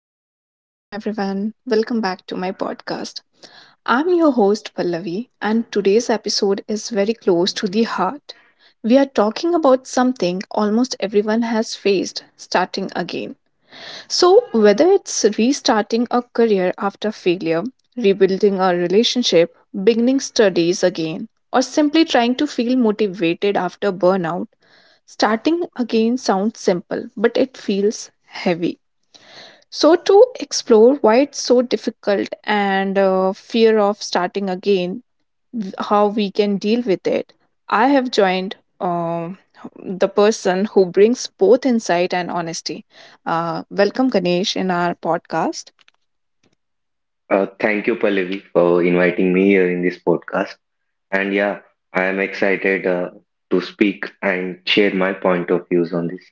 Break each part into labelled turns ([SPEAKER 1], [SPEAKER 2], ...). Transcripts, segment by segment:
[SPEAKER 1] Hello and welcome everyone. Welcome back to my podcast. I'm your host Pallavi and today's episode is very close to the heart. We are talking about something almost everyone has faced, starting again. So, whether it's restarting a career after failure, rebuilding a relationship, beginning studies again, or simply trying to feel motivated after burnout, starting again sounds simple, but it feels heavy. So, to explore why it's so difficult and fear of starting again, how we can deal with it, I have joined the person who brings both insight and honesty. Welcome, Ganesh, in our podcast.
[SPEAKER 2] Thank you, Pallavi, for inviting me here in this podcast. And yeah, I am excited to speak and share my point of views on this.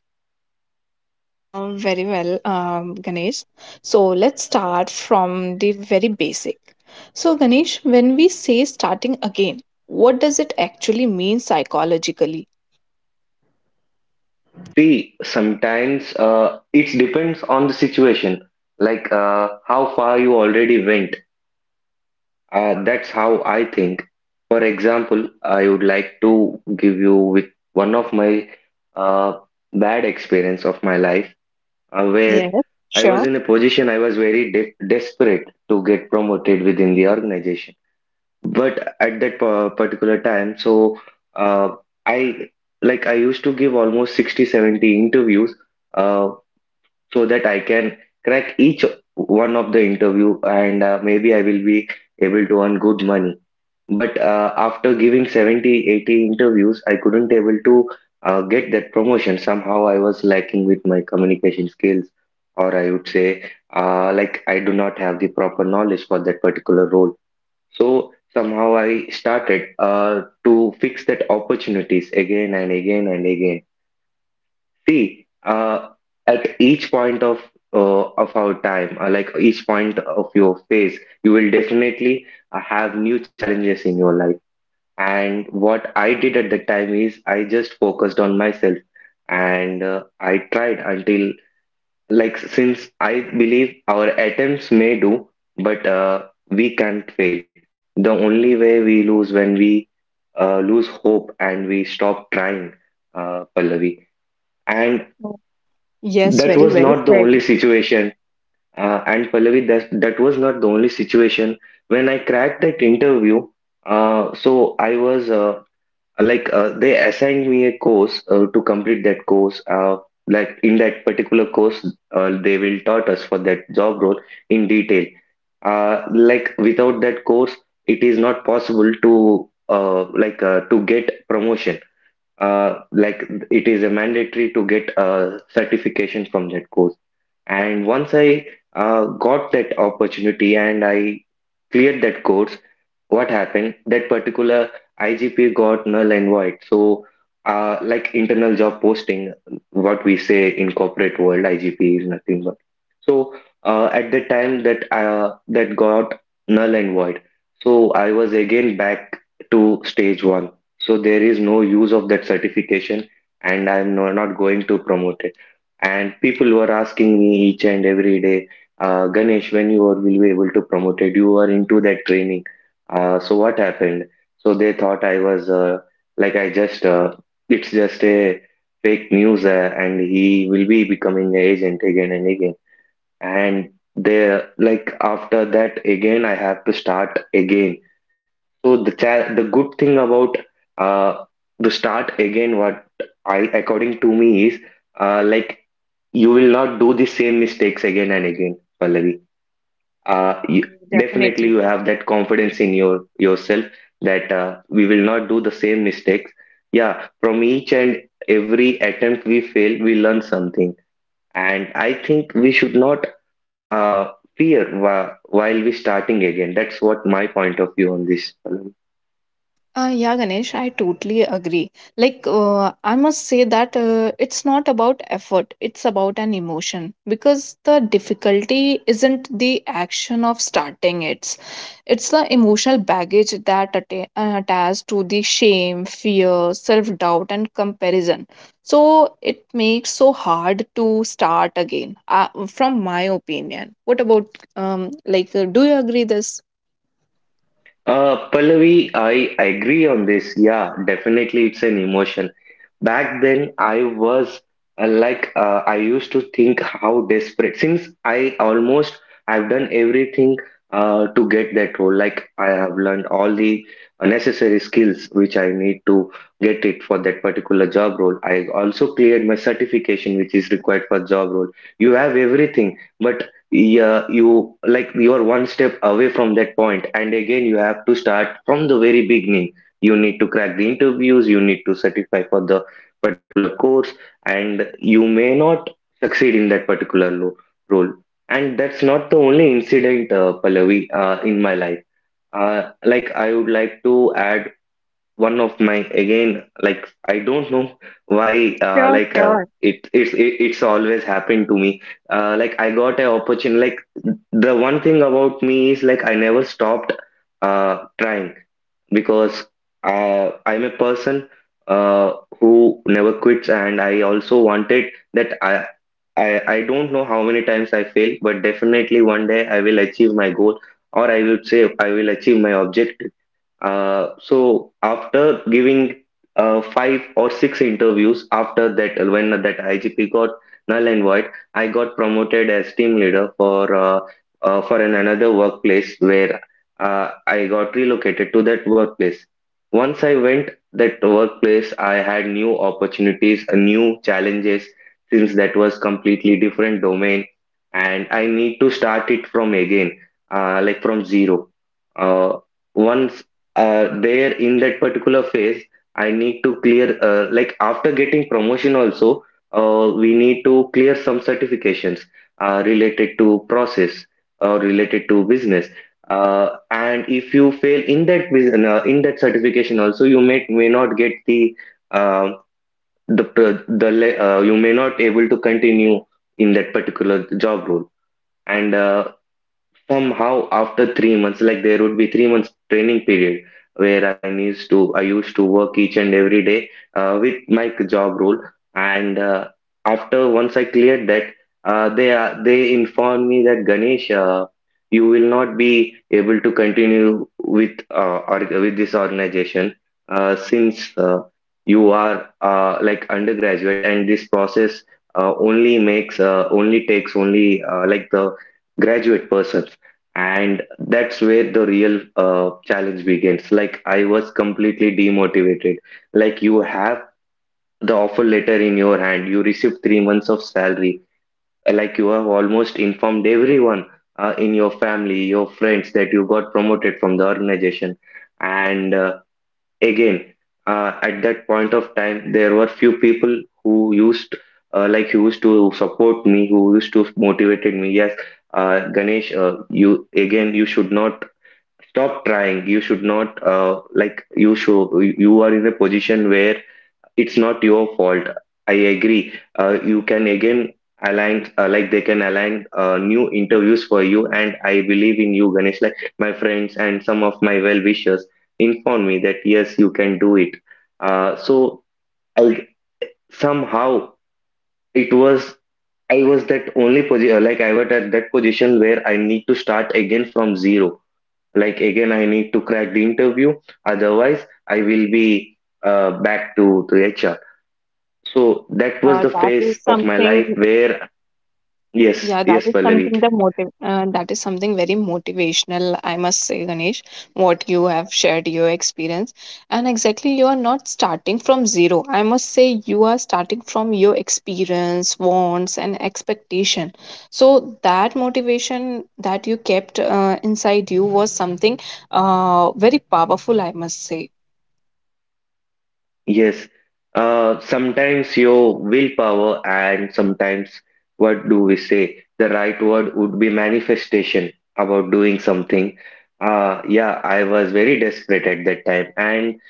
[SPEAKER 1] Very well, Ganesh. So, let's start from the very basic. So, Ganesh, when we say starting again, what does it actually mean psychologically?
[SPEAKER 2] See, sometimes it depends on the situation, like how far you already went. That's how I think. For example, I would like to give you with one of my uh, bad experience of my life, where
[SPEAKER 1] Yes,
[SPEAKER 2] I
[SPEAKER 1] sure.
[SPEAKER 2] was in a position. I was very de desperate to get promoted within the organization. But at that particular time, so uh, I I used to give almost 60, 70 interviews uh, so that I can crack each one of the interview, and maybe I will be able to earn good money. But after giving 70, 80 interviews, I couldn't able to get that promotion. Somehow I was lacking with my communication skills, or I would say, like I do not have the proper knowledge for that particular role. So somehow I started to fix that opportunities again and again and again. See, at each point of our time, like each point of your phase, you will definitely have new challenges in your life. And what I did at that time is I just focused on myself, and I tried until, like, since I believe our attempts may do, but we can't fail. The only way we lose when we lose hope and we stop trying, Pallavi. And
[SPEAKER 1] Yes,
[SPEAKER 2] that
[SPEAKER 1] very
[SPEAKER 2] was
[SPEAKER 1] well
[SPEAKER 2] not the
[SPEAKER 1] said.
[SPEAKER 2] only situation. And Pallavi, that was not the only situation. When I cracked that interview, so I was like they assigned me a course to complete that course, like in that particular course they will taught us for that job role in detail, like without that course it is not possible to to get promotion, like it is a mandatory to get certification from that course. And once I got that opportunity and I cleared that course, what happened? That particular IGP got null and void. So, like internal job posting, what we say in corporate world, IGP is nothing but. So, at the time, that got null and void. So I was again back to stage one. So there is no use of that certification, and I'm not going to promote it, and people were asking me each and every day, Ganesh, when you are will be able to promote it, you are into that training, so what happened. So they thought I was like I just it's just a fake news, and he will be becoming an agent again and again. And they, like after that, again I have to start again. So the the good thing about uh, the start again, what I according to me is, uh, like you will not do the same mistakes again and again, Pallavi. Uh,
[SPEAKER 1] Yeah,
[SPEAKER 2] you, Definitely,
[SPEAKER 1] definitely.
[SPEAKER 2] you have that confidence in yourself that we will not do the same mistakes. Yeah, from each and every attempt we fail, we learn something, and I think we should not uh, fear while we starting again. That's what my point of view on this.
[SPEAKER 1] Yeah, Ganesh, I totally agree. Like, I must say that it's not about effort, it's about an emotion because the difficulty isn't the action of starting it, it's the emotional baggage that attached to the shame, fear, self doubt, and comparison. So, it makes so hard to start again, from my opinion. What about, like, do you agree this?
[SPEAKER 2] Pallavi, I agree on this. Yeah, definitely, it's an emotion. Back then, I was I used to think how desperate, since I almost I've done everything to get that role. Like, I have learned all the necessary skills which I need to get it for that particular job role. I also cleared my certification, which is required for job role. You have everything, but yeah, you are one step away from that point, and again you have to start from the very beginning. You need to crack the interviews, you need to certify for the particular course, and you may not succeed in that particular role. And that's not the only incident, Pallavi, in my life. I would like to add one of my, again, like I don't know why,
[SPEAKER 1] Sure, sure.
[SPEAKER 2] it's always happened to me. I got an opportunity. Like, the one thing about me is, like, I never stopped trying, because I'm a person uh, who never quits. And I also wanted that I, I don't know how many times I fail, but definitely one day I will achieve my goal, or I would say, I will achieve my objective. So after giving five or six interviews, after that, when that IGP got null and void, I got promoted as team leader for an another workplace where I got relocated to that workplace. Once I went that workplace, I had new opportunities, new challenges, since that was completely different domain, and I need to start it from again, from zero. Uh, Once, there in that particular phase, I need to clear, after getting promotion also we need to clear some certifications related to process or related to business. And if you fail in that in that certification also, you may not get the uh, you may not able to continue in that particular job role. And Somehow, after 3 months, like there would be 3 months training period where I used to work each and every day with my job role, and after once I cleared that, they informed me that, Ganesh, you will not be able to continue with, with this organization, since you are like undergraduate, and this process only takes only the graduate person. And that's where the real challenge begins. Like, I was completely demotivated. Like, you have the offer letter in your hand, you received 3 months of salary, like you have almost informed everyone in your family, your friends, that you got promoted from the organization. And Again, at that point of time there were few people who used to support me, who used to motivated me. Yes, Ganesh, you again, you should not stop trying. You should not, you are in a position where it's not your fault. I agree. You can again align, they can align new interviews for you, and I believe in you, Ganesh. Like, my friends and some of my well wishers inform me that, yes, you can do it. So I somehow it was I was that only position, like I was at that position where I need to start again from zero, like again, I need to crack the interview, otherwise I will be back to HR. So that was
[SPEAKER 1] Uh,
[SPEAKER 2] the
[SPEAKER 1] that
[SPEAKER 2] phase
[SPEAKER 1] is
[SPEAKER 2] of my life
[SPEAKER 1] something,
[SPEAKER 2] where... yes,
[SPEAKER 1] yeah, that
[SPEAKER 2] yes,
[SPEAKER 1] is
[SPEAKER 2] Pallavi,
[SPEAKER 1] something that is something very motivational, I must say, Ganesh, what you have shared your experience. And exactly, you are not starting from zero. I must say, you are starting from your experience, wants, and expectation. So that motivation that you kept inside you was something very powerful, I must say.
[SPEAKER 2] yes. Sometimes your willpower, and sometimes what do we say? The right word would be manifestation about doing something. Yeah, I was very desperate at that time, and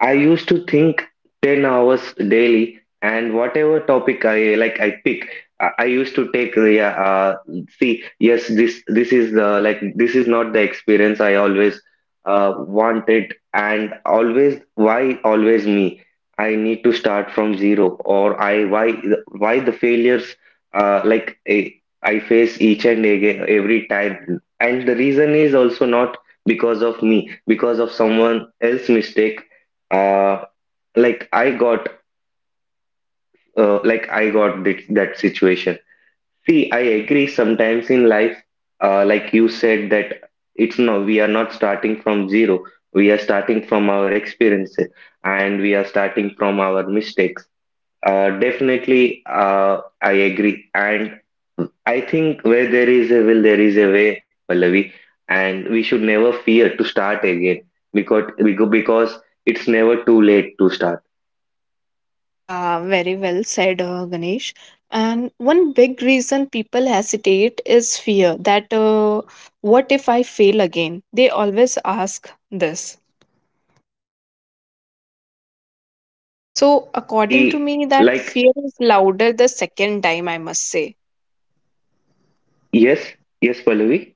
[SPEAKER 2] I used to think 10 hours daily, and whatever topic I like I pick, I used to take the see, yes, this is the, like, this is not the experience I always uh, wanted, and always, why always me? I need to start from zero, or I, why the failures, uh, like I, I face each and again every time. And the reason is also not because of me, because of someone else mistake. Uh like i got uh, like i got this, that situation. See, I agree, sometimes in life, you said that, it's no, we are not starting from zero, we are starting from our experiences, and we are starting from our mistakes. Definitely, I agree. And I think where there is a will, there is a way, Pallavi, and we should never fear to start again, because because it's never too late to start.
[SPEAKER 1] Yeah, very well said, Ganesh. And one big reason people hesitate is fear that what if I fail again? They always ask this. So, according to
[SPEAKER 2] Pallavi,
[SPEAKER 1] me, that
[SPEAKER 2] like,
[SPEAKER 1] fear is louder the second time, I must say.
[SPEAKER 2] yes, yes, Pallavi,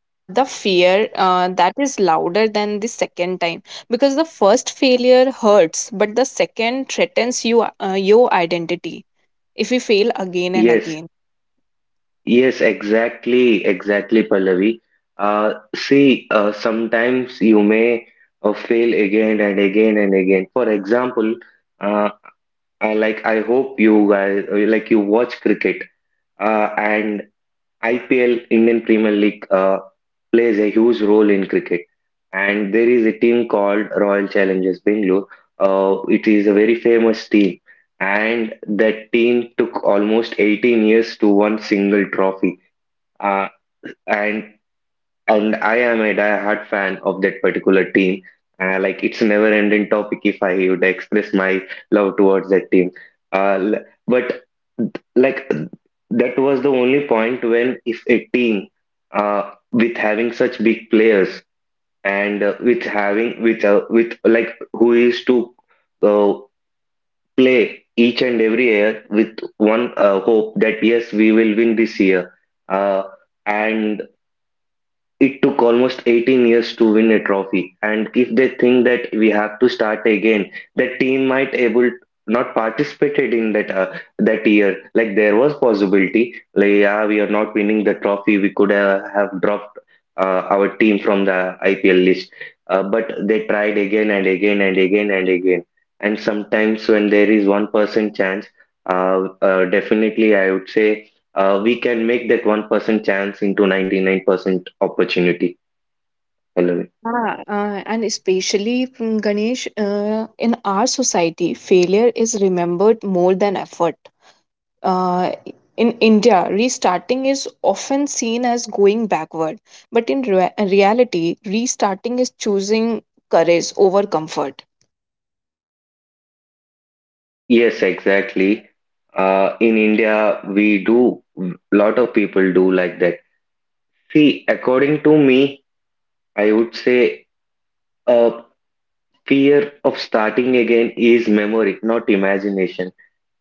[SPEAKER 1] The fear that is louder than the second time because the first failure hurts, but the second threatens you, your identity if you fail again and
[SPEAKER 2] yes,
[SPEAKER 1] again.
[SPEAKER 2] yes, exactly, exactly, Pallavi. See, sometimes you may fail again and again and again. For example, uh, I hope you guys, like, you watch cricket, and IPL, Indian Premier League, plays a huge role in cricket. And there is a team called Royal Challengers Bangalore. It is a very famous team. And that team took almost 18 years to one single trophy. Uh, and and I am a die-hard fan of that particular team. It's a never-ending topic if I would express my love towards that team. But like that was the only point when, if a team with having such big players and with having with like who is to uh, play each and every year with one hope that yes, we will win this year, uh, and it took almost 18 years to win a trophy. And if they think that we have to start again, the team might able not participated in that year. Like, there was possibility, like, yeah, we are not winning the trophy. We could have dropped our team from the IPL list, but they tried again and again and again and again. And sometimes when there is 1% chance, definitely I would say we can make that 1% chance into 99% opportunity. Hello.
[SPEAKER 1] Yeah, and especially from Ganesh, in our society, failure is remembered more than effort. Uh, in India, restarting is often seen as going backward, but in reality, restarting is choosing courage over comfort.
[SPEAKER 2] Yes, exactly. In India, we do, lot of people do like that. See, according to me, I would say a fear of starting again is memory, not imagination.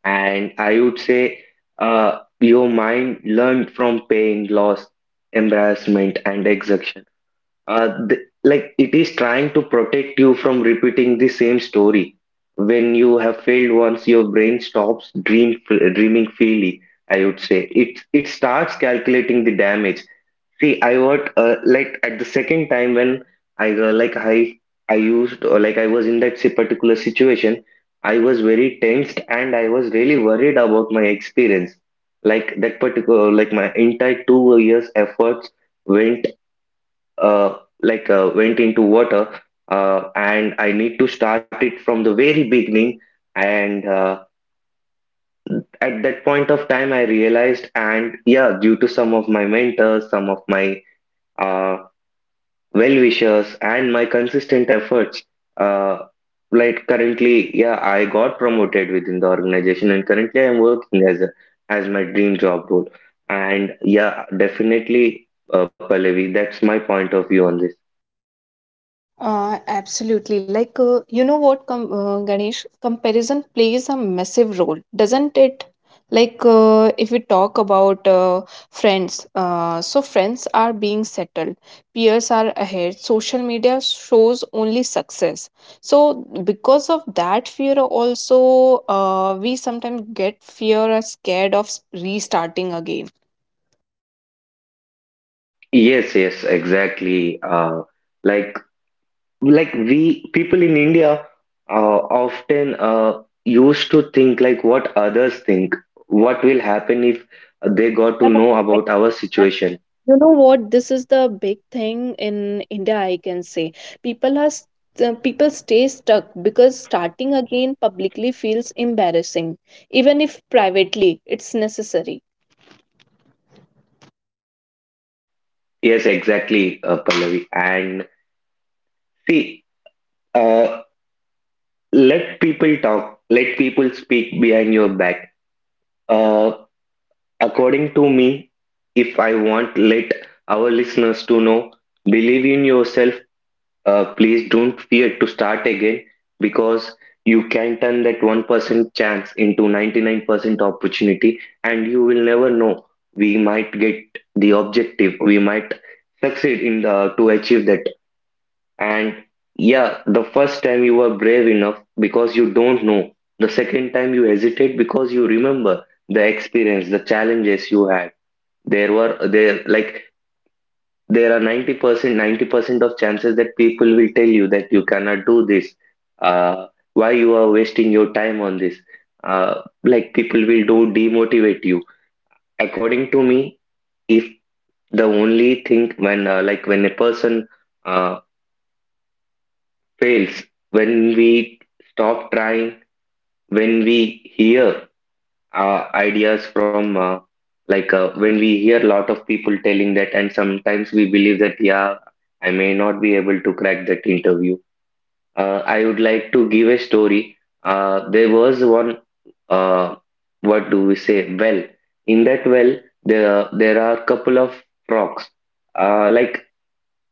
[SPEAKER 2] And I would say, your mind learned from pain, loss, embarrassment, and exhaustion. Like, it is trying to protect you from repeating the same story. When you have failed once, your brain stops dreaming freely. I would say it starts calculating the damage. See, I what like, at the second time when i uh, like i I used, or like, I was in that particular situation, I was very tensed and I was really worried about my experience. Like that particular, like, my entire 2 years efforts went, uh, went into water, and I need to start it from the very beginning. And At that point of time, I realized, and yeah, due to some of my mentors, some of my uh, well-wishers, and my consistent efforts, uh, like currently, yeah, I got promoted within the organization, and currently I'm working as as my dream job role. And yeah, definitely, Pallavi, that's my point of view on this.
[SPEAKER 1] Absolutely. Like, you know what, Ganesh, comparison plays a massive role, doesn't it? Like, if we talk about friends, so friends are being settled, peers are ahead, social media shows only success. So, because of that fear, also, we sometimes get fear or scared of restarting again.
[SPEAKER 2] Yes, yes, exactly. Like like we people in India often used to think like what others think, what will happen if they got to
[SPEAKER 1] Yeah,
[SPEAKER 2] know about our
[SPEAKER 1] exactly.
[SPEAKER 2] situation.
[SPEAKER 1] You know what? This is the big thing in India, I can say. People are st- people stay stuck because starting again publicly feels embarrassing, even if privately it's necessary.
[SPEAKER 2] Yes, exactly, Pallavi. And see, uh, let people talk, let people speak behind your back. Uh, According to me, if I want let our listeners to know, believe in yourself. Please don't fear to start again, because you can turn that 1% chance into 99% opportunity, and you will never know. We might get the objective, we might succeed in the, to achieve that. And yeah, the first time you were brave enough because you don't know. The second time you hesitate because you remember the experience, the challenges you had. There were there like there are 90% of chances that people will tell you that you cannot do this. uh, why you are wasting your time on this? uh, People will do demotivate you. According to me, if the only thing when, when a person uh, fails, when we stop trying, when we hear ideas from, when we hear a lot of people telling that, and sometimes we believe that, yeah, I may not be able to crack that interview. I would like to give a story. There was one, uh, what do we say, well. In that well, there are a couple of frogs. Uh, like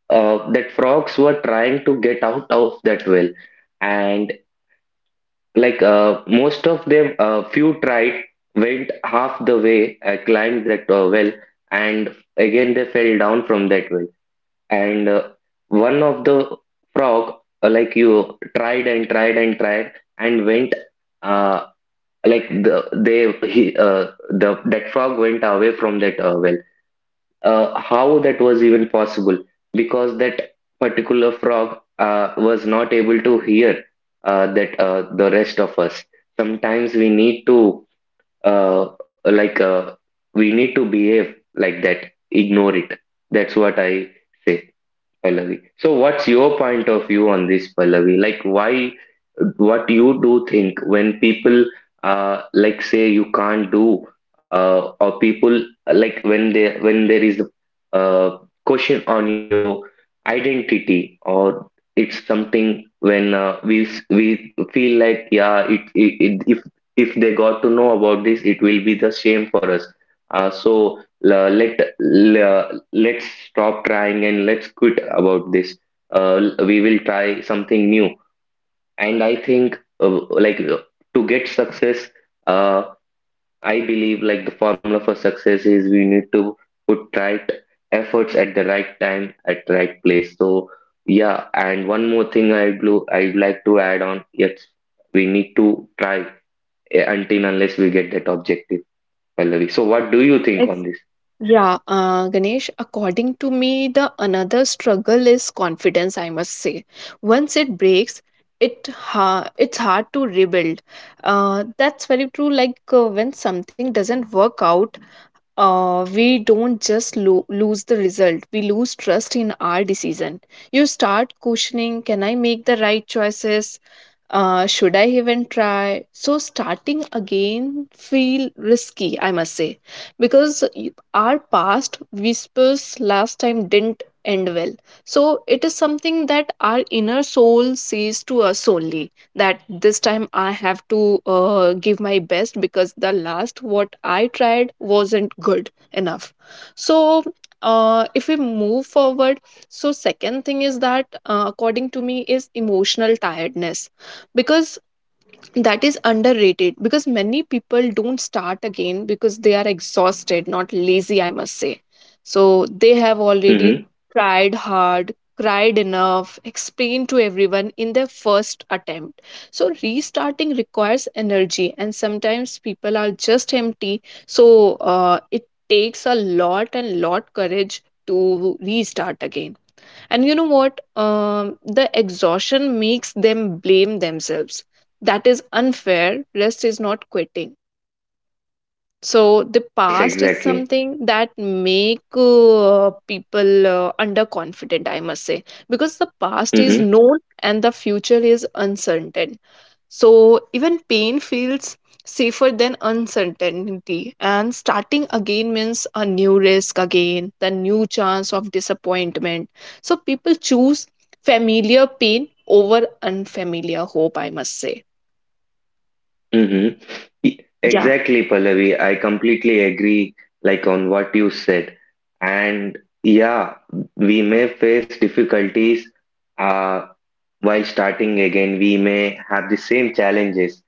[SPEAKER 2] that frogs were trying to get out of that well. And most of them, few tried, went half the way, climbed that well, and again they fell down from that well. And One of the frog, like, you tried and tried and tried and went, uh, like the they he, the that frog went away from that well. How that was even possible? Because that particular frog was not able to hear that the rest of us. Sometimes we need to, uh, like uh, we need to behave like that. Ignore it. That's what I say, Pallavi. So, what's your point of view on this, Pallavi? Like, why, what you do think when people, like say you can't do, or people, like, when they, when there is a question on your identity, or it's something when, we feel like, yeah, it, if they got to know about this, it will be the shame for us. Uh, so Let let's stop trying, and let's quit about this. We will try something new. And I think, to get success, uh, I believe, like, the formula for success is we need to put right efforts at the right time at the right place. So yeah, and one more thing I'd I'd like to add on. Yes, we need to try until unless we get that objective, Pallavi. So what do
[SPEAKER 1] Uh,
[SPEAKER 2] you think
[SPEAKER 1] it's
[SPEAKER 2] on this?
[SPEAKER 1] yeah, Ganesh, according to me, the another struggle is confidence, I must say. Once it breaks, it's hard to rebuild. That's very true. Like when something doesn't work out, we don't just lose the result, we lose trust in our decision. You start questioning, can I make the right choices? Should I even try? So, starting again feel risky, I must say, because our past whispers last time didn't end well. So, it is something that our inner soul says to us only that this time I have to give my best because the last what I tried wasn't good enough. So, if we move forward, so second thing is that according to me is emotional tiredness, because that is underrated because many people don't start again because they are exhausted, not lazy, I must say. So they have already
[SPEAKER 2] hmm
[SPEAKER 1] tried hard, cried enough, explained to everyone in their first attempt. So restarting requires energy, and sometimes people are just empty. So it takes a lot and lot courage to restart again. And you know what? The exhaustion makes them blame themselves. That is unfair. Rest is not quitting. So the
[SPEAKER 2] yes,
[SPEAKER 1] past is
[SPEAKER 2] exactly.
[SPEAKER 1] something that make people underconfident, I must say, because the past is
[SPEAKER 2] Mm-hmm.
[SPEAKER 1] known and the future is uncertain. So even pain feels safer than uncertainty, and starting again means a new risk again, the new chance of disappointment. So people choose familiar pain over unfamiliar hope, I must say.
[SPEAKER 2] Mm-hmm.
[SPEAKER 1] Yeah.
[SPEAKER 2] Exactly, Pallavi. I completely agree, like, on what you said. And yeah, we may face difficulties uh, while starting again. We may have the same challenges,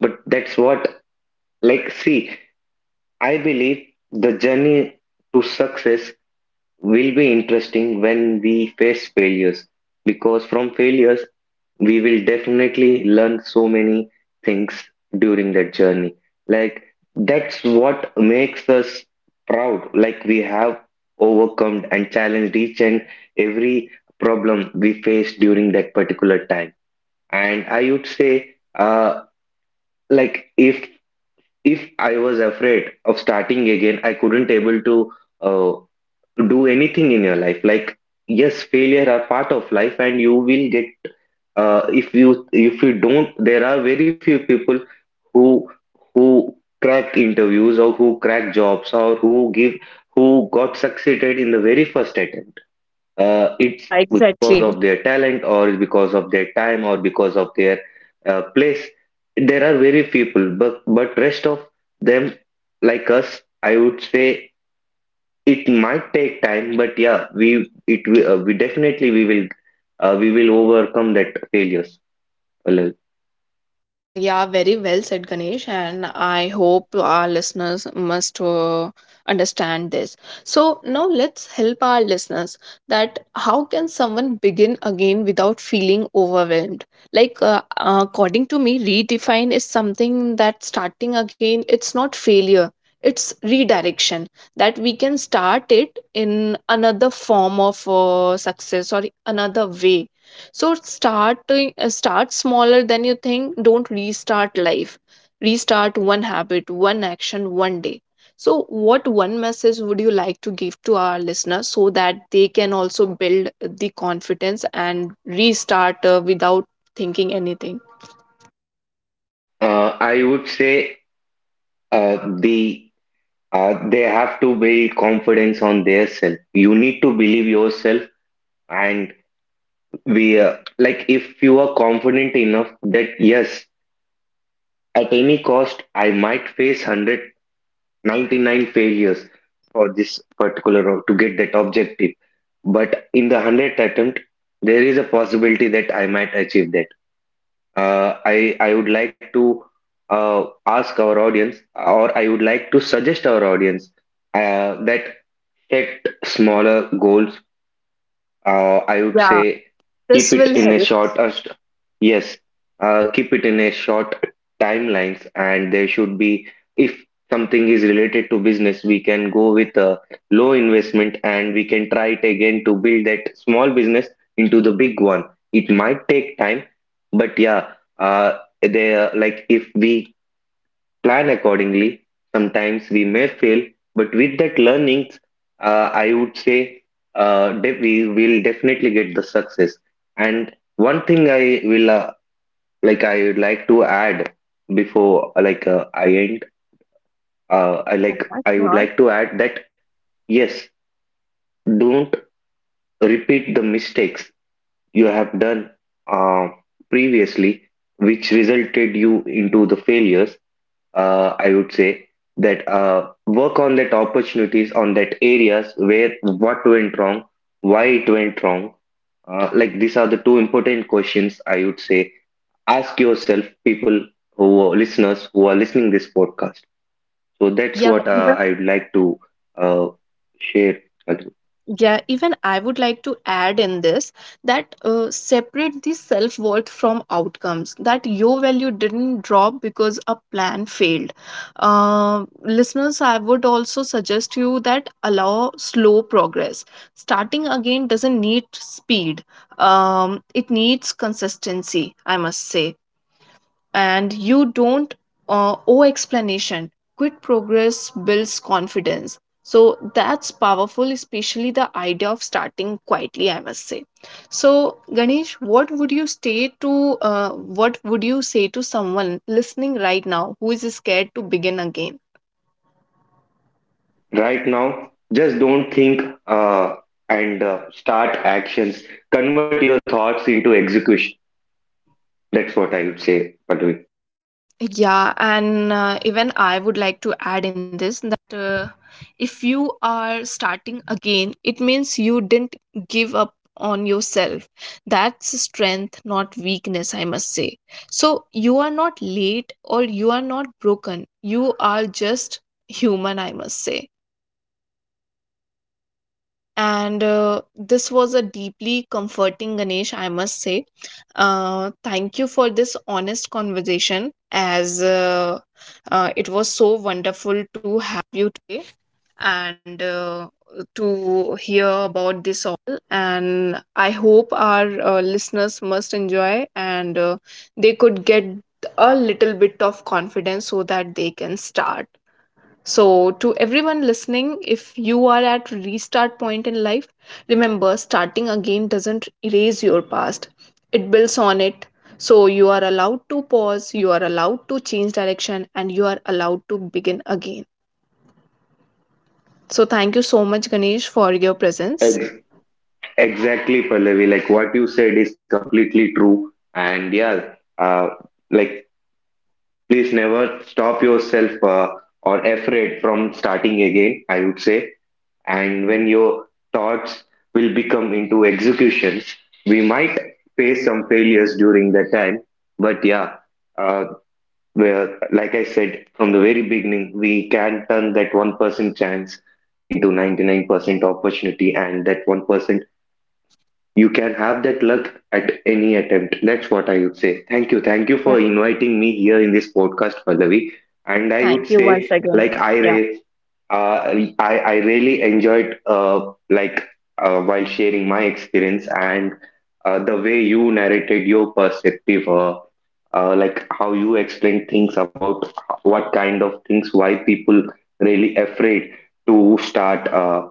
[SPEAKER 2] but that's what, like, see, I believe the journey to success will be interesting when we face failures, because from failures we will definitely learn so many things during that journey. Like, that's what makes us proud. Like, we have overcome and challenged each and every problem we faced during that particular time. And I would say, like if if I was afraid of starting again, I couldn't able to uh, do anything in your life. Like, yes, failure are part of life, and you will get, if you, if you don't, there are very few people who who crack interviews, or who crack jobs, or who give who got succeeded in the very first attempt. It's because of their talent, or because of their time, or because of their place. There are very people, but rest of them, like us, I would say, it might take time, but yeah, we definitely we will, we will overcome that failures.
[SPEAKER 1] Yeah, very well said, Ganesh, and I hope our listeners must understand this. So now let's help our listeners that how can someone begin again without feeling overwhelmed? Like according to me, redefine is something that starting again. It's not failure; it's redirection, that we can start it in another form of success or another way. So start smaller than you think. Don't restart life. Restart one habit, one action, one day. So what one message would you like to give to our listeners so that they can also build the confidence and restart without thinking anything?
[SPEAKER 2] I would say, uh, the they have to build confidence on their self. You need to believe yourself, and we like if you are confident enough that yes, at any cost, I might face 199 failures for this particular role to get that objective, but in the one 100th attempt, there is a possibility that I might achieve that. I would like to ask our audience, or I would like to suggest our audience that set smaller goals, I would
[SPEAKER 1] Yeah,
[SPEAKER 2] say,
[SPEAKER 1] this
[SPEAKER 2] keep it
[SPEAKER 1] will
[SPEAKER 2] in a
[SPEAKER 1] help.
[SPEAKER 2] short, yes, keep it in a short timelines, and there should be, if something is related to business, we can go with a low investment, and we can try it again to build that small business into the big one. It might take time, but yeah, there, like if we plan accordingly. Sometimes we may fail, but with that learnings, I would say we will definitely get the success. And one thing I will, I would like to add, before, I end,
[SPEAKER 1] Yeah,
[SPEAKER 2] I would
[SPEAKER 1] sure.
[SPEAKER 2] like to add that yes, don't repeat the mistakes you have done uh, previously, which resulted you into the failures. I would say that work on that opportunities, on that areas, where what went wrong, why it went wrong. These are the two important questions, I would say. Ask yourself, people who are listeners, who are listening this podcast. So that's
[SPEAKER 1] Yeah,
[SPEAKER 2] what
[SPEAKER 1] even.
[SPEAKER 2] I would like to uh, share.
[SPEAKER 1] Yeah, even I would like to add in this that separate the self worth from outcomes, that your value didn't drop because a plan failed. Listeners, I would also suggest you that allow slow progress. Starting again doesn't need speed, it needs consistency, I must say, and you don't owe explanation. Quick progress builds confidence. So that's powerful, especially the idea of starting quietly, I must say. So, Ganesh, what would you say to someone listening right now who is scared to begin again?
[SPEAKER 2] Right now, just don't think, and start actions. Convert your thoughts into execution. That's what I would say, Padvi.
[SPEAKER 1] Yeah, and even I would like to must enjoy and they could get a little bit of confidence so that they can start. So to everyone listening, if you are at restart point in life, remember, starting again doesn't erase your past, it builds on it. So you are allowed to pause, you are allowed to change direction, and you are allowed to begin again. So thank you so much, Ganesh, for your presence.
[SPEAKER 2] Exactly, Pallavi. Like what you said is completely true. And yeah, like please never stop yourself or afraid from starting again, I would say. And when your thoughts will become into executions, we might face some failures during that time. But yeah, uh, where, like I said from the very beginning, we can turn that 1% chance into 99% opportunity, and that 1% you can have that luck at any attempt. That's what I would say. Thank you. Thank you
[SPEAKER 1] Yeah.
[SPEAKER 2] for inviting me here in this podcast, Pallavi. And I
[SPEAKER 1] Thank
[SPEAKER 2] would
[SPEAKER 1] you once
[SPEAKER 2] say,
[SPEAKER 1] again. Yeah.
[SPEAKER 2] I really enjoyed, while sharing my experience and the way you narrated your perspective, how you explained things about what kind of things, why people really afraid to start,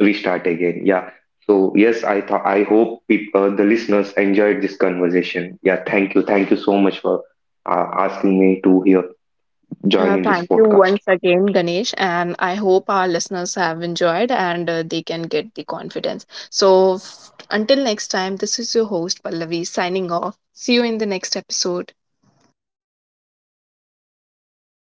[SPEAKER 2] restart again. Yeah, so yes, I hope the listeners enjoyed this conversation. Yeah, thank you so much for asking me to here join
[SPEAKER 1] Uh,
[SPEAKER 2] in this
[SPEAKER 1] thank you
[SPEAKER 2] podcast.
[SPEAKER 1] once again, Ganesh, and I hope our listeners have enjoyed and they can get the confidence. So, until next time, this is your host, Pallavi, signing off. See you in the next episode.